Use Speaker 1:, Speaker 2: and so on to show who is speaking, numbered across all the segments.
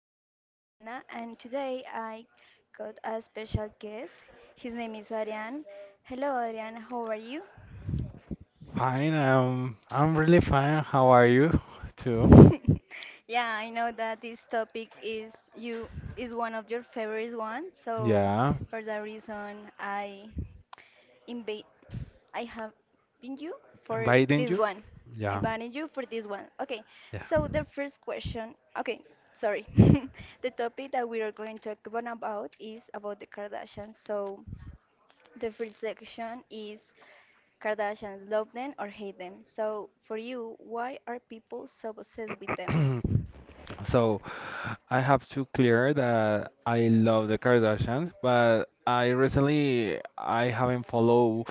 Speaker 1: name is Adriana, and today I got a special guest. His name is Adrian. Hello, Adrian, how are you?
Speaker 2: Fine, I'm really fine. How are you too?
Speaker 1: Yeah, I know that this topic is one of your favorite ones, so
Speaker 2: Yeah,
Speaker 1: for that reason I invite I have been you for
Speaker 2: inviting
Speaker 1: this
Speaker 2: you?
Speaker 1: one. I
Speaker 2: Yeah,
Speaker 1: banned you for this one. Okay,
Speaker 2: yeah.
Speaker 1: so the first question. Okay, sorry. The topic that we are going to talk about is about the Kardashians. So the first section is Kardashians love them or hate them. So, for you, why are people so obsessed with them?
Speaker 2: So I have to clear that I love the Kardashians, but I recently I haven't followed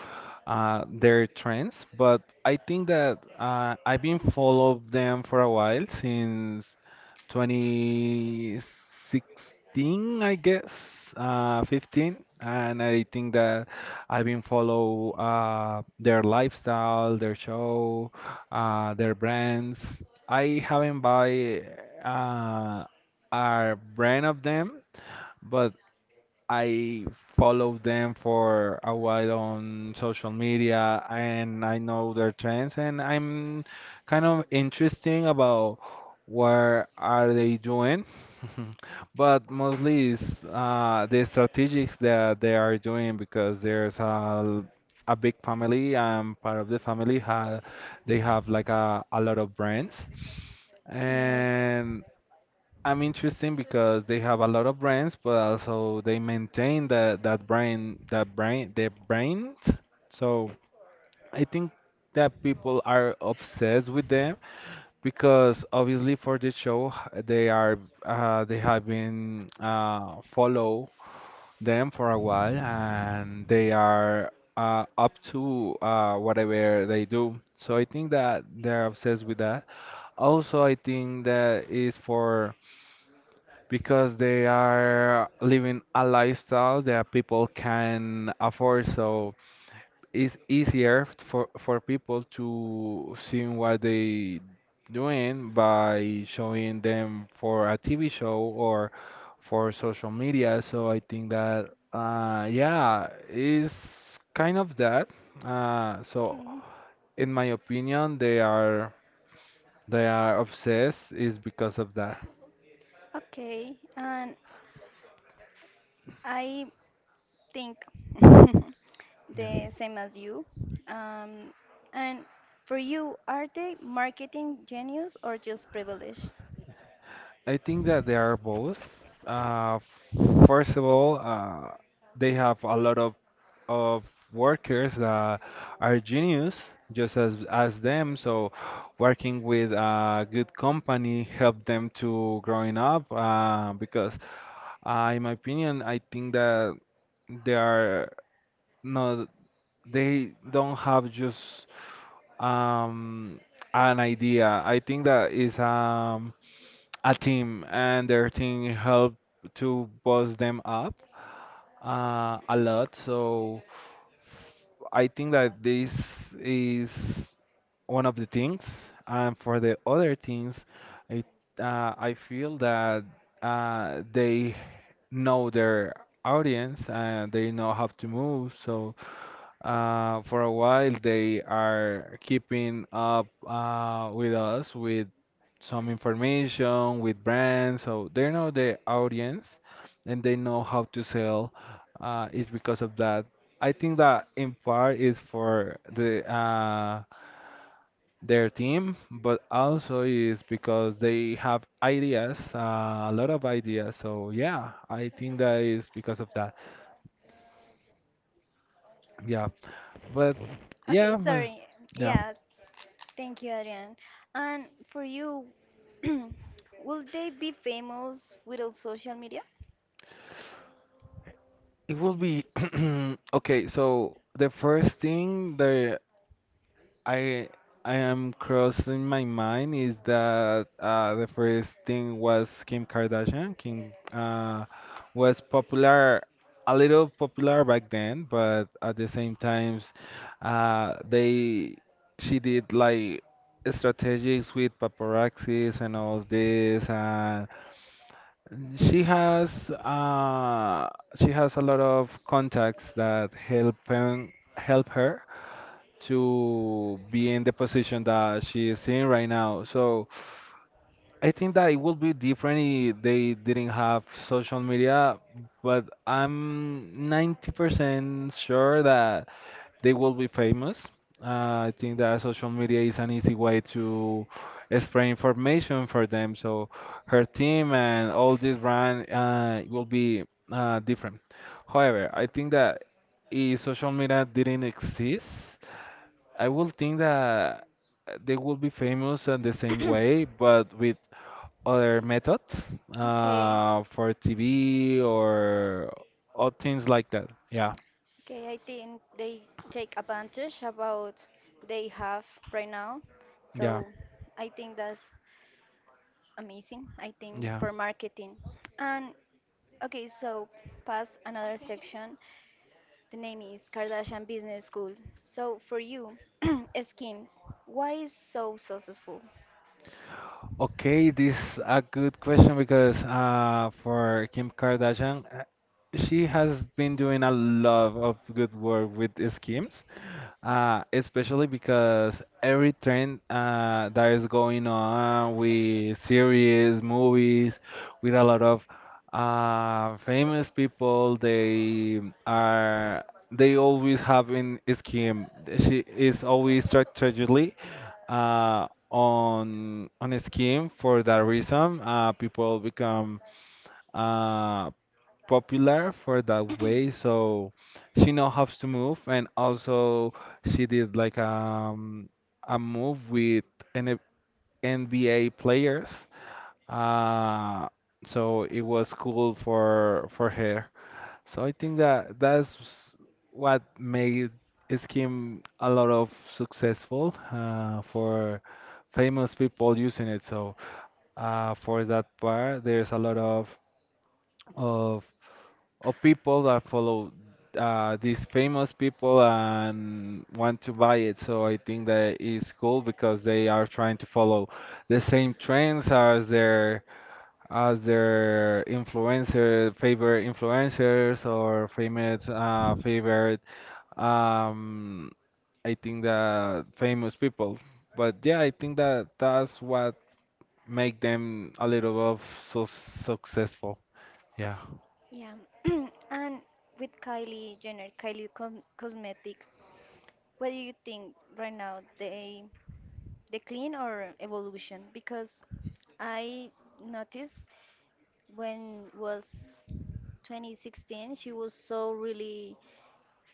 Speaker 2: their trends, but I think that I've been followed them for a while since 2016, I guess, 15, and I think that I've been follow their lifestyle, their show, their brands. I haven't buy uh, a brand of them, but I follow them for a while on social media and I know their trends and I'm kind of interesting about what are they doing. But mostly it's the strategics that they are doing because there's a big family. I'm part of the family. Ha, they have like a lot of brands
Speaker 1: Yes.
Speaker 2: and I'm interesting because they have a lot of brands, but also they maintain that brand their brand. So I think that people are obsessed with them because obviously for the show they are they have been follow them for a while and they are up to whatever they do. So I think that they're obsessed with that. Also, I think that is for because they are living a lifestyle that people can afford. So it's easier for people to see what they doing by showing them for a TV show or for social media. So I think that yeah, is kind of that. So
Speaker 1: Okay.
Speaker 2: in my opinion, they are obsessed is because of that.
Speaker 1: Okay. And I think
Speaker 2: Yeah.
Speaker 1: the same as you. Um, and for you, are they marketing genius or just privileged?
Speaker 2: I think that they are both. Uh, First of all, they have a lot of workers that are genius, just as them. So, working with a good company help them to growing up. Because, in my opinion, I think that they are no, they don't have just um, an idea. I think that is a team, and their team helped to boost them up a lot. So I think that this is one of the things. And for the other things, it, I feel that they know their audience and they know how to move. So for a while, they are keeping up with us with some information, with brands. So they know the audience and they know how to sell. It's because of that. I think that in part is for the their team, but also is because they have ideas, a lot of ideas. So yeah, I think that is because of that. Yeah, but
Speaker 1: Okay,
Speaker 2: yeah,
Speaker 1: sorry.
Speaker 2: yeah.
Speaker 1: Yeah, thank you, Adrian. And for you, will they be famous without social media?
Speaker 2: It will be okay, so the first thing that I I am crossing my mind is that the first thing was Kim Kardashian. Kim was popular, a little popular back then, but at the same times, they she did like strategies with paparazzis and all this, and mm, she has she has a lot of contacts that help her to be in the position that she is in right now. So I think that it would be different if they didn't have social media, but I'm 90% sure that they will be famous. I think that social media is an easy way to spread information for them. So her team and all this brand will be different. However, I think that if social media didn't exist, I will think that they will be famous in the same way, but with other methods
Speaker 1: Okay,
Speaker 2: for TV or things like that. Yeah,
Speaker 1: okay, I think they take advantage about they have right now.
Speaker 2: yeah,
Speaker 1: So I think that's amazing. I think
Speaker 2: yeah.
Speaker 1: for marketing. And okay, so pass another section. The name is Kardashian Business School. So for you, schemes, why is so successful?
Speaker 2: Okay, this is a good question because for Kim Kardashian, she has been doing a lot of good work with schemes, especially because every trend that is going on with series, movies, with a lot of famous people, are they always have in scheme. She is always strategically on a scheme for that reason people become uh, popular for that way so she now has to move and also she did like a move with N NBA players, uh, so it was cool for her, so I think that that's what made Scheme a lot of successful for famous people using it. So for that part, there's a lot of of people that follow these famous people and want to buy it. So I think that is cool because they are trying to follow the same trends as their influencer, favorite influencers or famous, favorite, um, I think that famous people. But yeah, I think that that's what make them a little of so successful. Yeah.
Speaker 1: Yeah, and with Kylie Jenner, Kylie Com Cosmetics, what do you think right now they decline or evolution because I noticed when was 2016 she was so really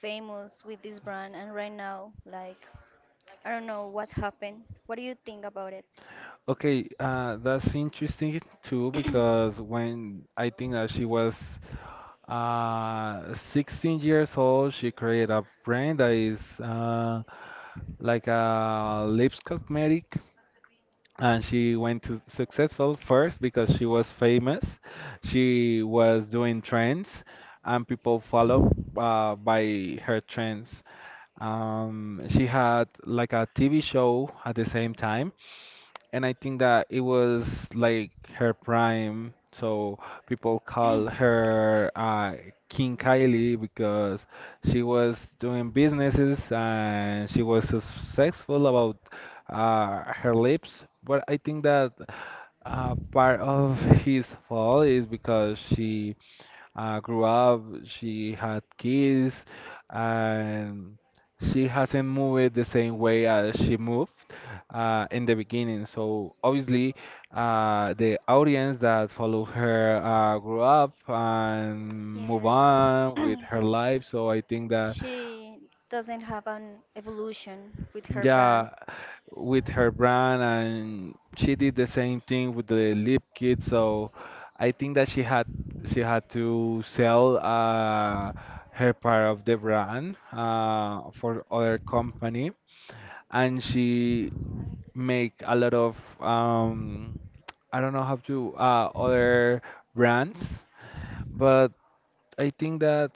Speaker 1: famous with this brand and right now like I don't know what happened. What do you think about it?
Speaker 2: Okay, that's interesting too because when I think that she was 16 years old, she created a brand that is like a lips cosmetic and she went to successful first because she was famous, she was doing trends and people follow by her trends. She had like a TV show at the same time, and I think that it was like her prime, so people call her King Kylie because she was doing businesses and she was successful about her lips. But I think that part of his fall is because she grew up, she had kids, and she hasn't moved the same way as she moved in the beginning. So obviously, the audience that follow her grew up and move
Speaker 1: Yes.
Speaker 2: on with her life. So I think that
Speaker 1: She doesn't have an evolution with her brand
Speaker 2: yeah, with her brand and she did the same thing with the lip kit, so I think that she had to sell her part of the brand for other company, and she make a lot of I don't know how to other brands, but I think that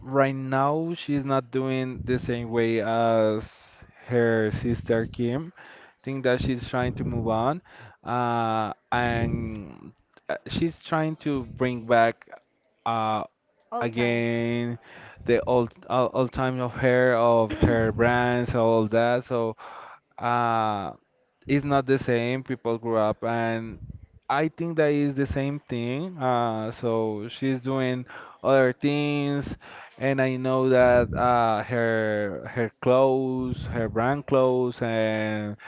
Speaker 2: right now she's not doing the same way as her sister Kim. Think that she's trying to move on, and she's trying to bring back uh,
Speaker 1: all times.
Speaker 2: again the old time of her brands, all that. So uh, it's not the same. People grew up, and I think that is the same thing. So she's doing other things, and I know that her her clothes, her brand clothes, and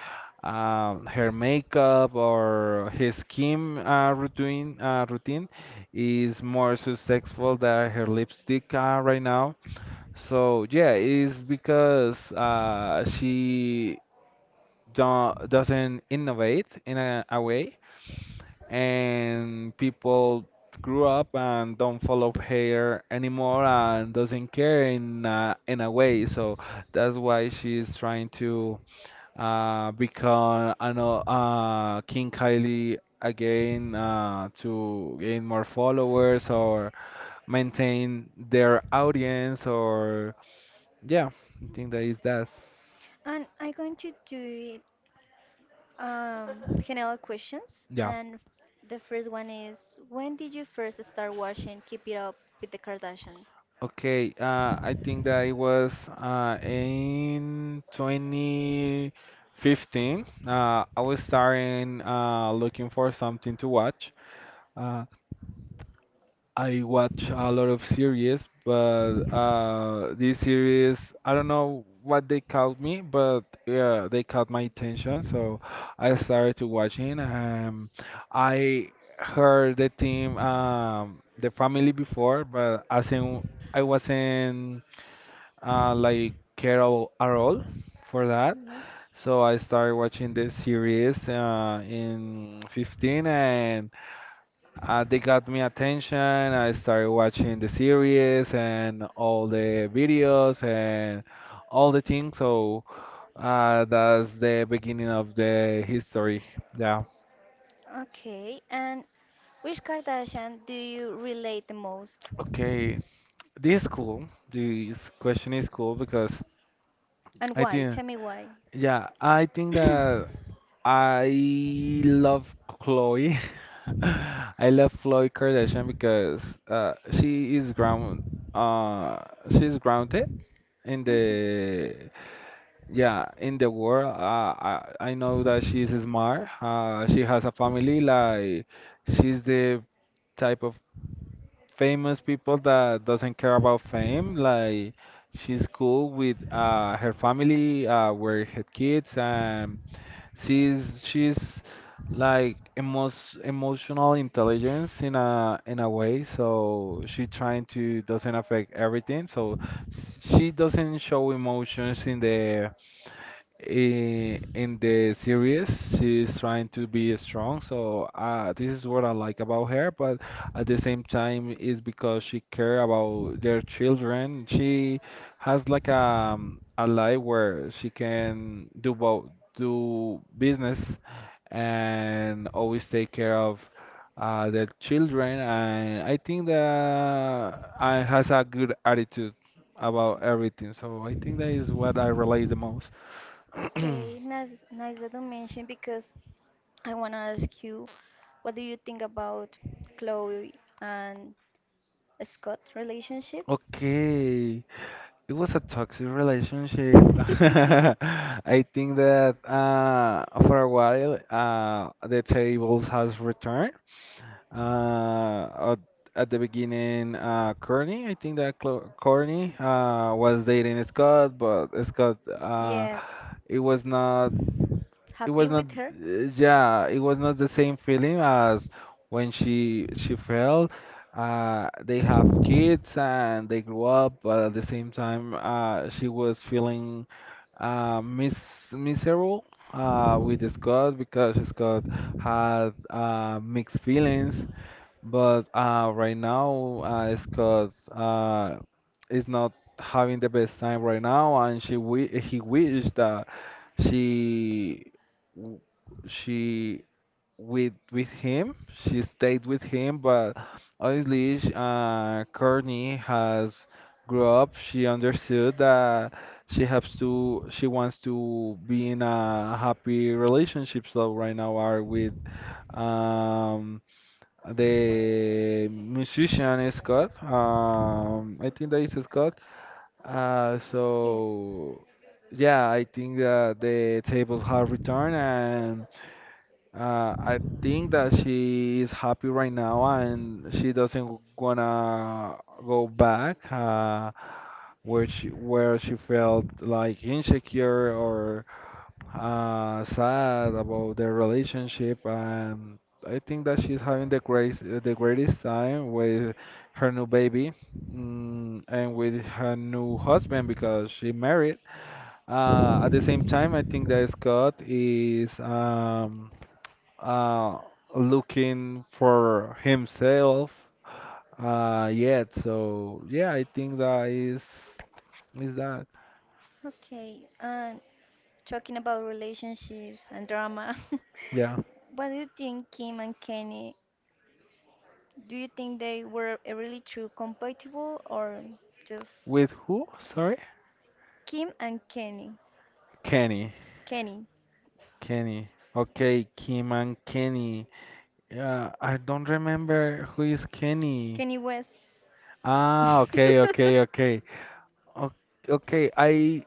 Speaker 2: her makeup or his skin routine is more successful than her lipstick right now. So yeah, it's because she don't, doesn't innovate in a way, and people grew up and don't follow her anymore and doesn't care in a way. So that's why she's trying to because I know King Kylie again to gain more followers or maintain their audience or yeah, I think that is that.
Speaker 1: And I'm going to do it. General questions,
Speaker 2: Yeah.
Speaker 1: and the first one is, when did you first start watching Keep It Up with the Kardashians?
Speaker 2: Okay. I think that it was in 2015. I was starting looking for something to watch. Uh, I watch a lot of series, but these series, I don't know what they caught me, but yeah, they caught my attention, so I started to watching. I heard the team, the family before, but as in, I wasn't like care at all for that.
Speaker 1: Yes.
Speaker 2: So I started watching the series in 15 and. They got me attention. I started watching the series and all the videos and all the things. So that's the beginning of the history. Yeah.
Speaker 1: Okay, and which Kardashian do you relate the most,
Speaker 2: Okay. This is cool. This question is cool because
Speaker 1: and
Speaker 2: I
Speaker 1: why?
Speaker 2: think,
Speaker 1: Tell me why.
Speaker 2: yeah, I think that I love Chloe. I love Chloe Kardashian because she is ground. Uh, she's grounded in
Speaker 1: Mhm.
Speaker 2: the yeah, in the world, I know that she's smart, she has a family, like she's the type of famous people that doesn't care about fame, like she's cool with her family with her kids and. She's like emos emotional intelligence in a way. So she trying to doesn't affect everything. So she doesn't show emotions in the in the series, she's trying to be strong, so this is what I like about her, but at the same time is because she care about their children, she has like a life where she can do both, do business and always take care of their children, and I think that has a good attitude about everything, so I think that is what I relate the most.
Speaker 1: Okay, nice, nice that you mentioned because I want to ask you, what do you think about Chloe and Scott relationship?
Speaker 2: Okay, it was a toxic relationship. I think that for a while the tables has returned. Uh, at, at the beginning, Courtney, I think that Clo Courtney was dating Scott, but Scott
Speaker 1: Yes,
Speaker 2: it was not. It
Speaker 1: happy
Speaker 2: was not
Speaker 1: with her?
Speaker 2: uh, yeah, it was not the same feeling as when she fell. They have kids and they grew up, but at the same time, she was feeling uh mis miserable with Scott because Scott had mixed feelings. But right now, Scott is not having the best time right now, and she wi he wished that she w- she with him, she stayed with him. But obviously, Courtney has grew up. She understood that she wants to be in a happy relationship. So right now, are with um. The musician is Scott. I think that is Scott. Uh,
Speaker 1: Yes.
Speaker 2: so yeah, I think that the tables have returned, and I think that she is happy right now, and she doesn't wanna go back where she felt like insecure or sad about their relationship, and I think that she's having the greatest time with her new baby, and with her new husband because she married. At the same time, I think that Scott is uh, looking for himself yet. So yeah, I think that is that.
Speaker 1: Okay, and talking about relationships and drama.
Speaker 2: Yeah,
Speaker 1: What do you think, Kim and Kenny? Do you think they were really true compatible or just
Speaker 2: with who? Sorry,
Speaker 1: Kim and Kenny?
Speaker 2: Kenny.
Speaker 1: Kenny.
Speaker 2: Kenny. Okay, Kim and Kenny. Yeah, I don't remember who is Kenny.
Speaker 1: Kenny West.
Speaker 2: Ah, okay, okay, okay. O- Okay, I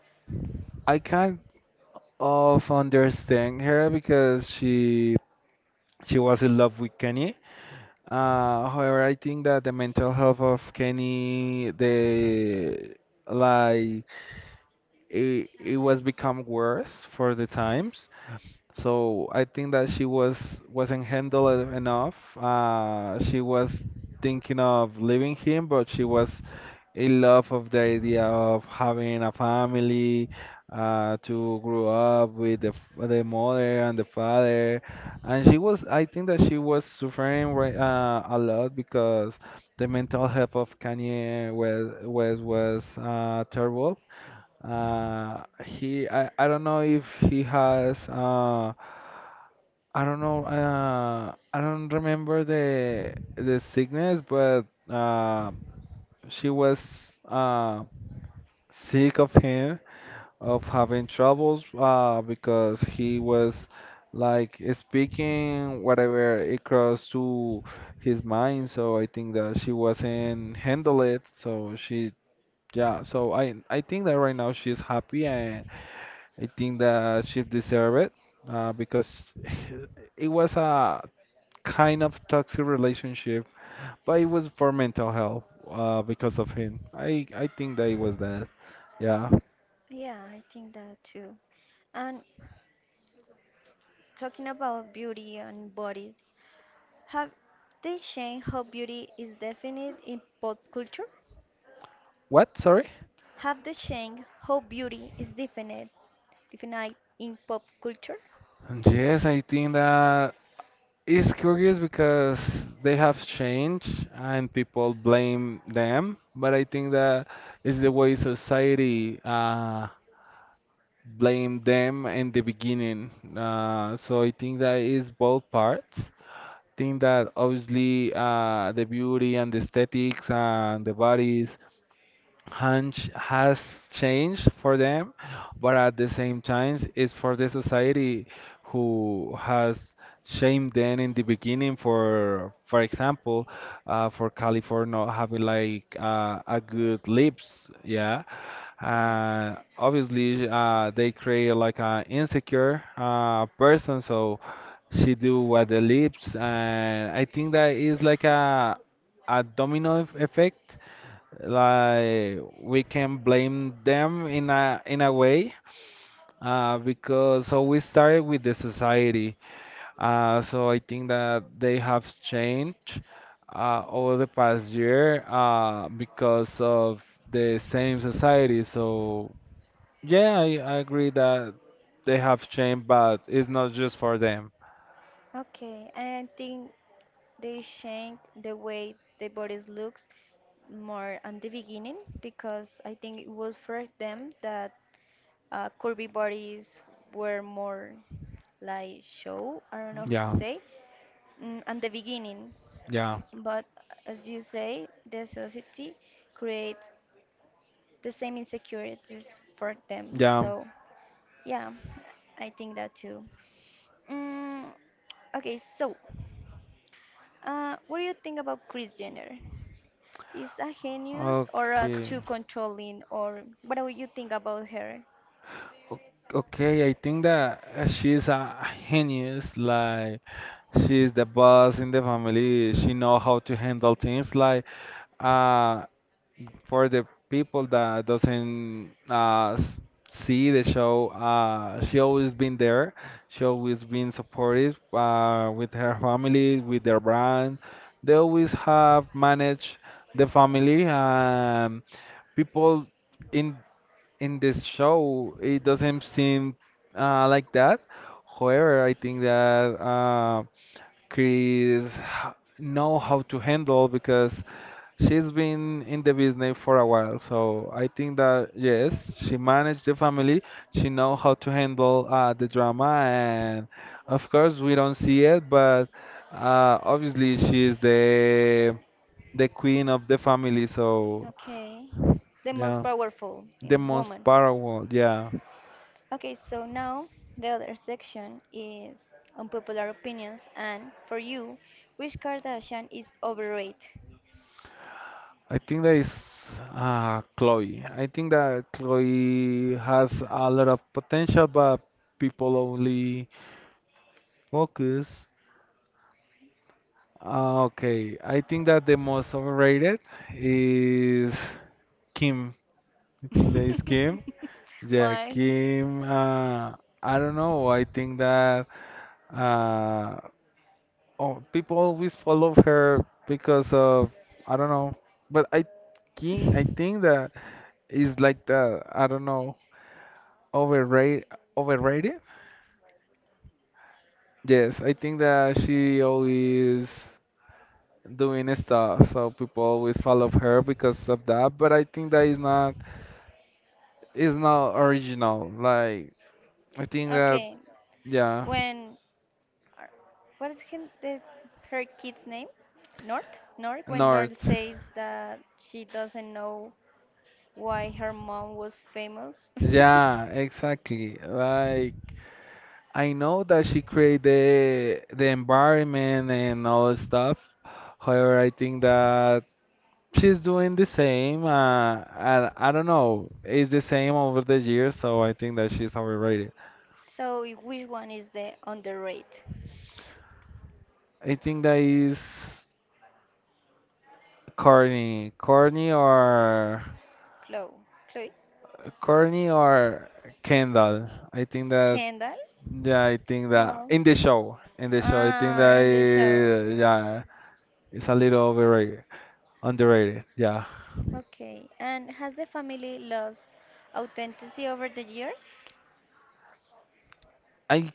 Speaker 2: I kind of understand her because she was in love with Kenny. However, I think that the mental health of Kenny, the like it was become worse for the times. So I think that she was wasn't handled enough. She was thinking of leaving him, but she was in love of the idea of having a family, to grow up with the mother and the father. And I think that she was suffering right, a lot because the mental health of Kanye was terrible. I don't know if he has. I don't know. I don't remember the sickness, but uh, she was sick of him, of having troubles, because he was like speaking whatever it crossed to his mind. So I think that she wasn't handle it. Yeah. So I think that right now she's happy, and I think that she deserve it, because it was a kind of toxic relationship, but it was for mental health because of him. I think that it was that. Yeah.
Speaker 1: Yeah, I think that too. And talking about beauty and bodies, have they changed how beauty is defined in pop culture?
Speaker 2: What? Sorry.
Speaker 1: Have they changed how beauty is defined in pop culture?
Speaker 2: Yes, I think that it's curious because they have changed and people blame them, but I think that it's the way society blame them in the beginning. So I think that is both parts. Think that obviously the beauty and the aesthetics and the bodies hunch has changed for them, but at the same time, it's for the society who has shamed them in the beginning for example, for California not having like a good lips, yeah.
Speaker 1: Yes.
Speaker 2: Obviously, they create like an insecure person, so she do what the lips, and I think that is like a domino effect. Like we can blame them in a way because so we started with the society, so I think that they have changed over the past year because of the same society. So yeah, I agree that they have changed, but it's not just for them.
Speaker 1: Okay. I think they change the way the bodies looks more at the beginning because I think it was for them that curvy bodies were more like show. I don't know how to
Speaker 2: Yeah,
Speaker 1: say. Mm, at the beginning,
Speaker 2: yeah,
Speaker 1: but as you say, the society create the same insecurities for them.
Speaker 2: yeah,
Speaker 1: So yeah, I think that too. Mm, okay, so what do you think about Kris Jenner? Is a genius or a
Speaker 2: okay.
Speaker 1: too controlling, or what do you think about her?
Speaker 2: O- okay, I think that she's a genius. Like she is the boss in the family. She know how to handle things like uh for the people that doesn't see the show, she always been there. She always been supportive with her family, with their brand. They always have managed the family and people in this show it doesn't seem like that. However, I think that Chris know how to handle because she's been in the business for a while. So I think that yes, she managed the family. She know how to handle the drama, and of course we don't see it, but obviously she's the queen of the family. So
Speaker 1: Okay, the most
Speaker 2: yeah,
Speaker 1: powerful
Speaker 2: the
Speaker 1: in
Speaker 2: most
Speaker 1: woman.
Speaker 2: powerful. Yeah.
Speaker 1: Okay, so now the other section is unpopular opinions, and for you, which Kardashian is overrated?
Speaker 2: I think that is Chloe. I think that Chloe has a lot of potential, but people only focus. Okay, I think that the most overrated is Kim. I think that is Kim. Yeah,
Speaker 1: Why?
Speaker 2: Kim. I don't know. I think that uh, oh, people always follow her because of I don't know. But I King, I think that is like the I don't know. Overrated? Overrated? Yes, I think that she always doing stuff, so people always follow her because of that. But I think that is not original. Like I think that
Speaker 1: Okay,
Speaker 2: yeah,
Speaker 1: when Ar- What is him, the, her kid's name? North? North? When North
Speaker 2: North.
Speaker 1: says that she doesn't know why her mom was famous.
Speaker 2: Yeah, exactly. Like I know that she created the environment and all that stuff. However, I think that she's doing the same. I don't know. It's the same over the years, so I think that she's overrated.
Speaker 1: So, which one is the underrated?
Speaker 2: I think that is corny or
Speaker 1: Chloe. Chloe?
Speaker 2: corny or Kendall. I think that
Speaker 1: Kendall?
Speaker 2: yeah, I think that
Speaker 1: Well.
Speaker 2: in the show, I think
Speaker 1: Ah,
Speaker 2: that
Speaker 1: in the show.
Speaker 2: yeah, it's a little overrated, underrated. Yeah,
Speaker 1: Okay. And has the family lost authenticity over the years?
Speaker 2: I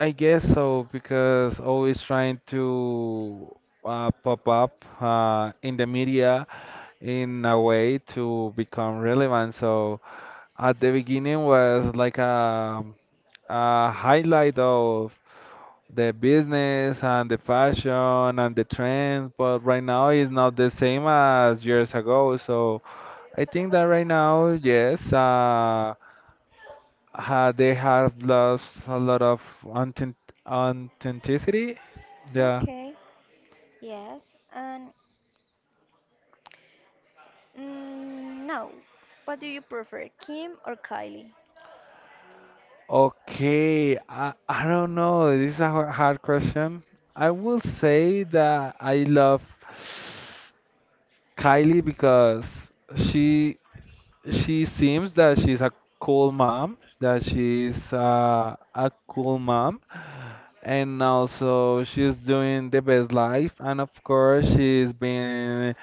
Speaker 2: I guess so because always trying to pop up in the media in a way to become relevant. So at the beginning was like a highlight of the business and the fashion and the trends, but right now it's not the same as years ago. So I think that right now, yes, they have lost a lot of authenticity. Yeah.
Speaker 1: Okay. Yes. And mm, no. What do you prefer, Kim or Kylie?
Speaker 2: Okay, I don't know. This is a hard question. I will say that I love Kylie because she she seems that she's a cool mom, that she's a cool mom, and also she's doing the best life. And of course, she's been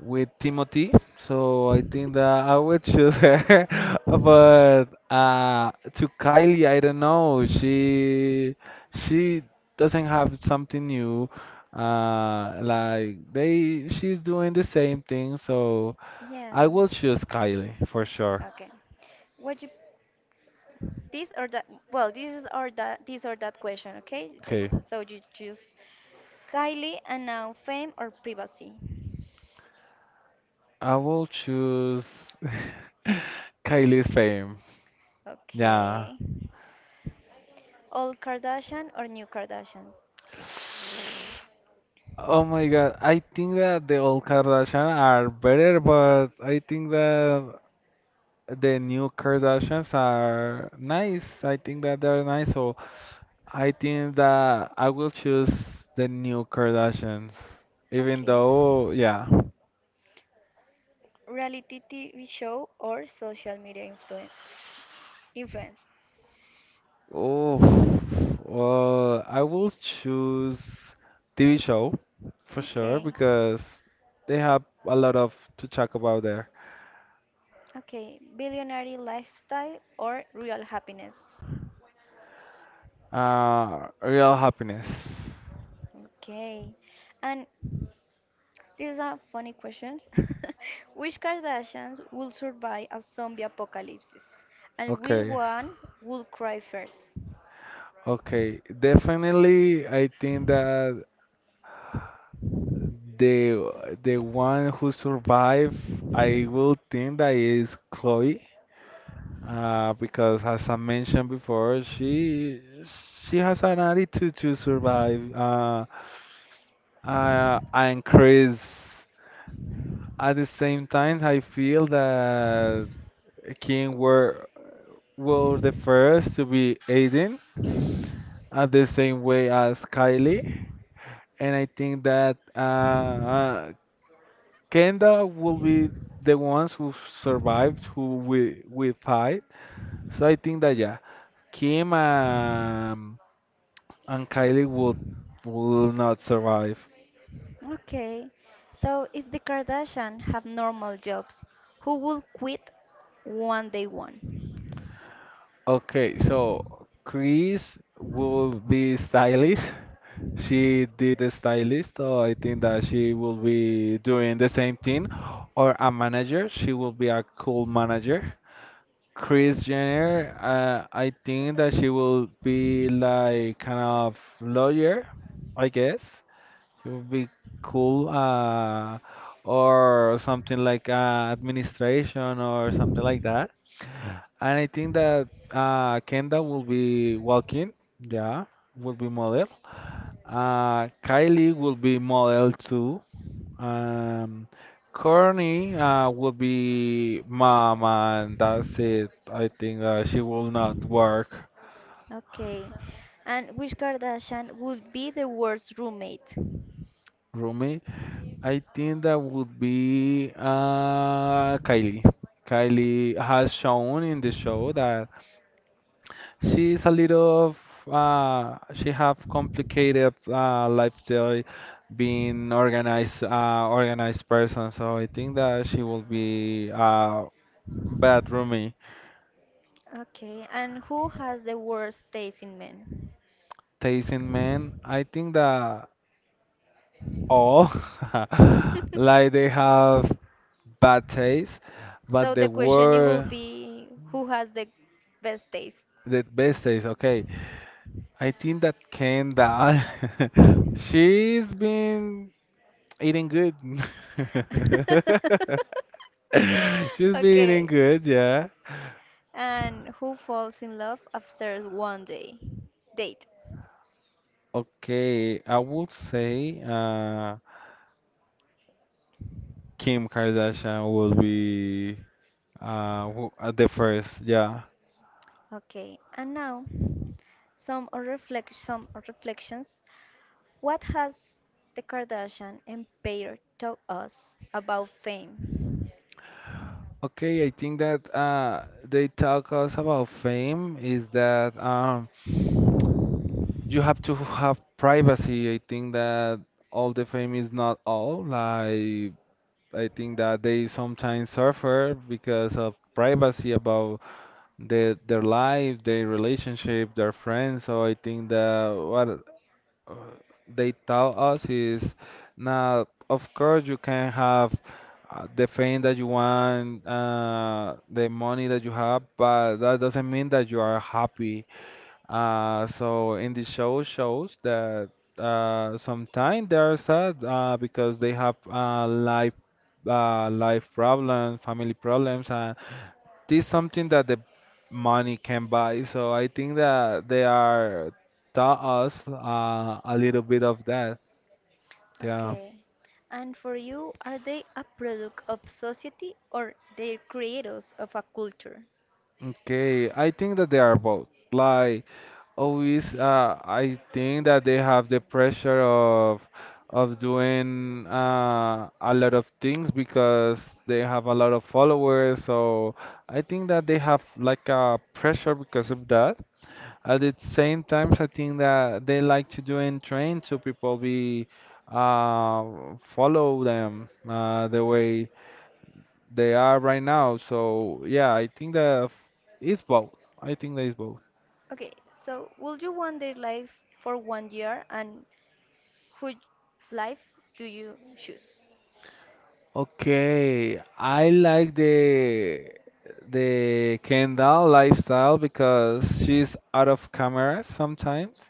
Speaker 2: with Timothy, so I think that I would choose her. But to Kylie, I don't know. She doesn't have something new. Like they, she's doing the same thing, so.
Speaker 1: Yeah.
Speaker 2: I will choose Kylie for sure.
Speaker 1: Okay. What you this or that? Well, this or that question. Okay, just
Speaker 2: Okay,
Speaker 1: so you choose Kylie and now fame or privacy.
Speaker 2: I will choose Kylie's fame. Yeah.
Speaker 1: Okay. Old Kardashian or new Kardashians?
Speaker 2: Oh my God, I think that the old Kardashian are better, but I think that the new Kardashians are nice. I think that they're nice, so I think that I will choose the new Kardashians, even
Speaker 1: Okay.
Speaker 2: though, yeah.
Speaker 1: Reality TV show or social media influence?
Speaker 2: Oh, well, I will choose TV show for sure
Speaker 1: Okay.
Speaker 2: because they have a lot of to talk about there.
Speaker 1: Okay, billionaire lifestyle or real happiness?
Speaker 2: Real happiness.
Speaker 1: Okay, and this is a funny question. Which Kardashians will survive a zombie apocalypse? And which
Speaker 2: Okay,
Speaker 1: one will cry first?
Speaker 2: okay. Definitely, I think that the one who survived, I will think that is Chloe. Because as I mentioned before, she has an attitude to survive. And Chris. At the same time, I feel that King were the first to be Aiden at the same way as Kylie, and I think that Kendall will be the ones who survived, who we fight. So I think that yeah, Kim and Kylie will not survive.
Speaker 1: Okay, so if the Kardashian have normal jobs, who will quit one day one?
Speaker 2: Okay, so Chris will be stylist. She did the stylist, so I think that she will be doing the same thing. Or a manager, she will be a cool manager. Chris Jenner, I think that she will be like kind of lawyer, I guess. She will be cool, or something like administration or something like that. And I think that Kenda will be walking, yeah, will be model. Kylie will be model too. Um, Courtney will be mom, and that's it. I think that she will not work,
Speaker 1: Okay, and which Kardashian would be the worst roommate?
Speaker 2: roommate. I think that would be Kylie. Kylie has shown in the show that she's a little of, she have complicated lifestyle, being organized organized person. So I think that she will be bad roomie.
Speaker 1: Okay, and who has the worst taste in men?
Speaker 2: Tasting men, I think that all like they have bad taste,
Speaker 1: So
Speaker 2: but they
Speaker 1: the question it will
Speaker 2: were
Speaker 1: be who has the best taste?
Speaker 2: the best taste. Okay, I think that Kendall, she's been eating good. She's being
Speaker 1: Okay.
Speaker 2: good, yeah.
Speaker 1: And who falls in love after one day date?
Speaker 2: Okay, I would say Kim Kardashian will be the first, yeah.
Speaker 1: Okay. And now some or reflect some or reflections. What has the Kardashian empire taught us about fame?
Speaker 2: Okay, I think that they talk us about fame is that you have to have privacy. I think that all the fame is not all. Like I think that they sometimes suffer because of privacy about their life, their relationship, their friends. So I think that what uh, they tell us is now, of course, you can have the fame that you want, the money that you have, but that doesn't mean that you are happy. So in the show shows that sometimes they are sad because they have life problems, family problems, and this something that the money can buy. So I think that they are taught us a little bit of that. Yeah.
Speaker 1: Okay. And for you, are they a product of society or they're creators of a culture?
Speaker 2: Okay. I think that they are both. Like always, I think that they have the pressure of doing a lot of things because they have a lot of followers. So I think that they have like a pressure because of that. At the same time, I think that they like to do in train so people be uh, follow them the way they are right now. So yeah, I think that it's both. I think that it's both.
Speaker 1: Okay, so would you want their life for 1 year and whose life do you choose?
Speaker 2: Okay, I like the Kendall lifestyle because she's out of camera sometimes.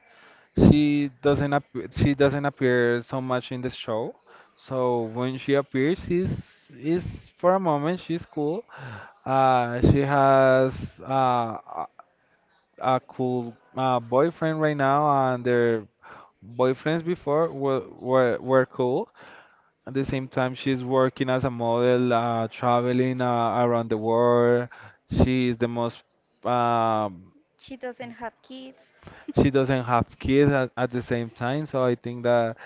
Speaker 2: She doesn't ap she doesn't appear so much in the show. So when she appears, she's is for a moment she's cool. She has uh, a, a cool boyfriend right now, and their boyfriends before were cool. At the same time, she's working as a model, traveling around the world. She is the most um,
Speaker 1: She doesn't have kids.
Speaker 2: she doesn't have kids at the same time, so I think that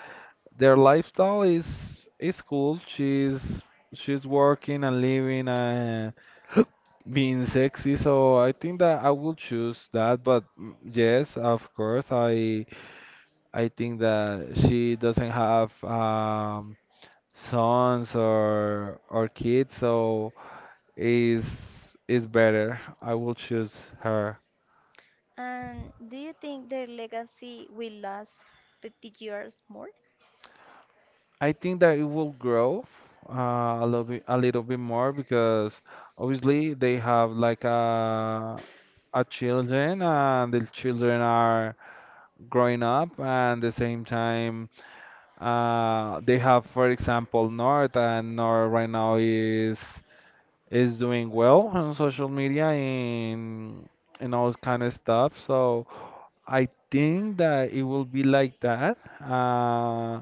Speaker 2: their lifestyle is cool. She's working and living and being sexy. So I think that I will choose that. But mm, yes, of course, I think that she doesn't have sons or kids, so is is better. I will choose her.
Speaker 1: And do you think their legacy will last 50 years more?
Speaker 2: I think that it will grow a little bit more because obviously they have like a children and the children are growing up and the same time they have for example North and North right now is doing well on social media in and all kind of stuff. So I think that it will be like that.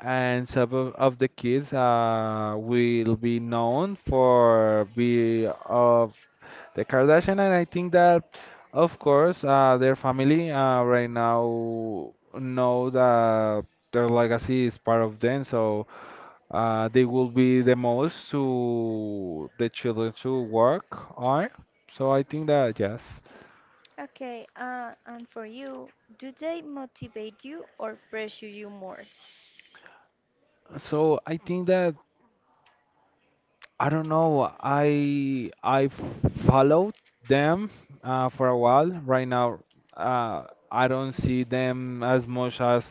Speaker 2: And some of the kids will be known for be of the Kardashian, and I think that, of course, their family right now know that their legacy is part of them, so they will be the most to the children to work on. So I think that yes.
Speaker 1: Okay, and for you, do they motivate you or pressure you more?
Speaker 2: So I think that I don't know. I followed them for a while. Right now, uh, I don't see them as much as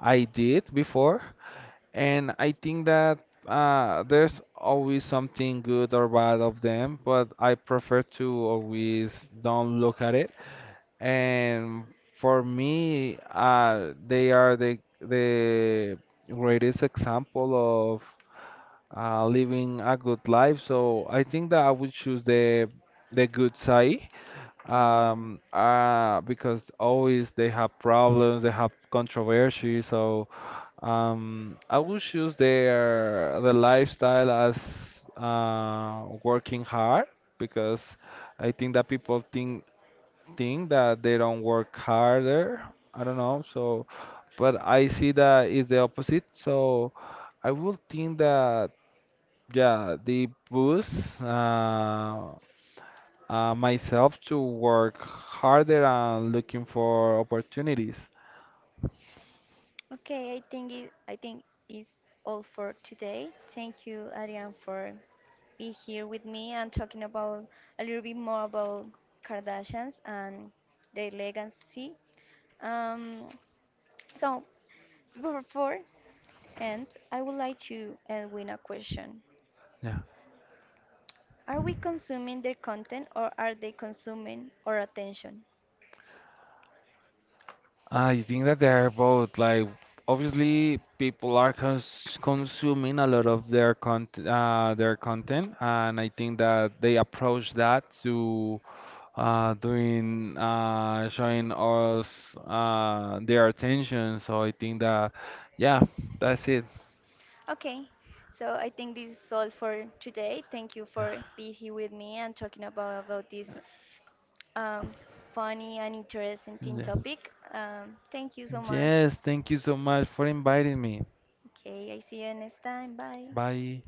Speaker 2: I did before, and I think that there's always something good or bad of them, but I prefer to always don't look at it. And for me, they are the greatest example of living a good life. So I think that I would choose the good side,
Speaker 1: Mm,
Speaker 2: because always they have problems, they have controversy. So I would choose their the lifestyle as working hard because I think that people think that they don't work harder. I don't know. So, but I see that is the opposite. So I would think that. Yeah, they boost myself to work harder and looking for opportunities.
Speaker 1: okay, I think it, I think it's all for today. Thank you, Ariane, for being here with me and talking about a little bit more about Kardashians and their legacy. Um, so before end, I would like to end with a question:
Speaker 2: Yeah,
Speaker 1: Are we consuming their content, or are they consuming our attention?
Speaker 2: I think that they're both like obviously people are consuming a lot of their content, and I think that they approach that to doing showing us their attention. So I think that yeah, that's it.
Speaker 1: Okay, so I think this is all for today. Thank you for being here with me and talking about this um, funny and interesting
Speaker 2: Yeah.
Speaker 1: topic. Thank you so much.
Speaker 2: Yes, thank you so much for inviting me.
Speaker 1: Okay, I see you next time. Bye.
Speaker 2: Bye.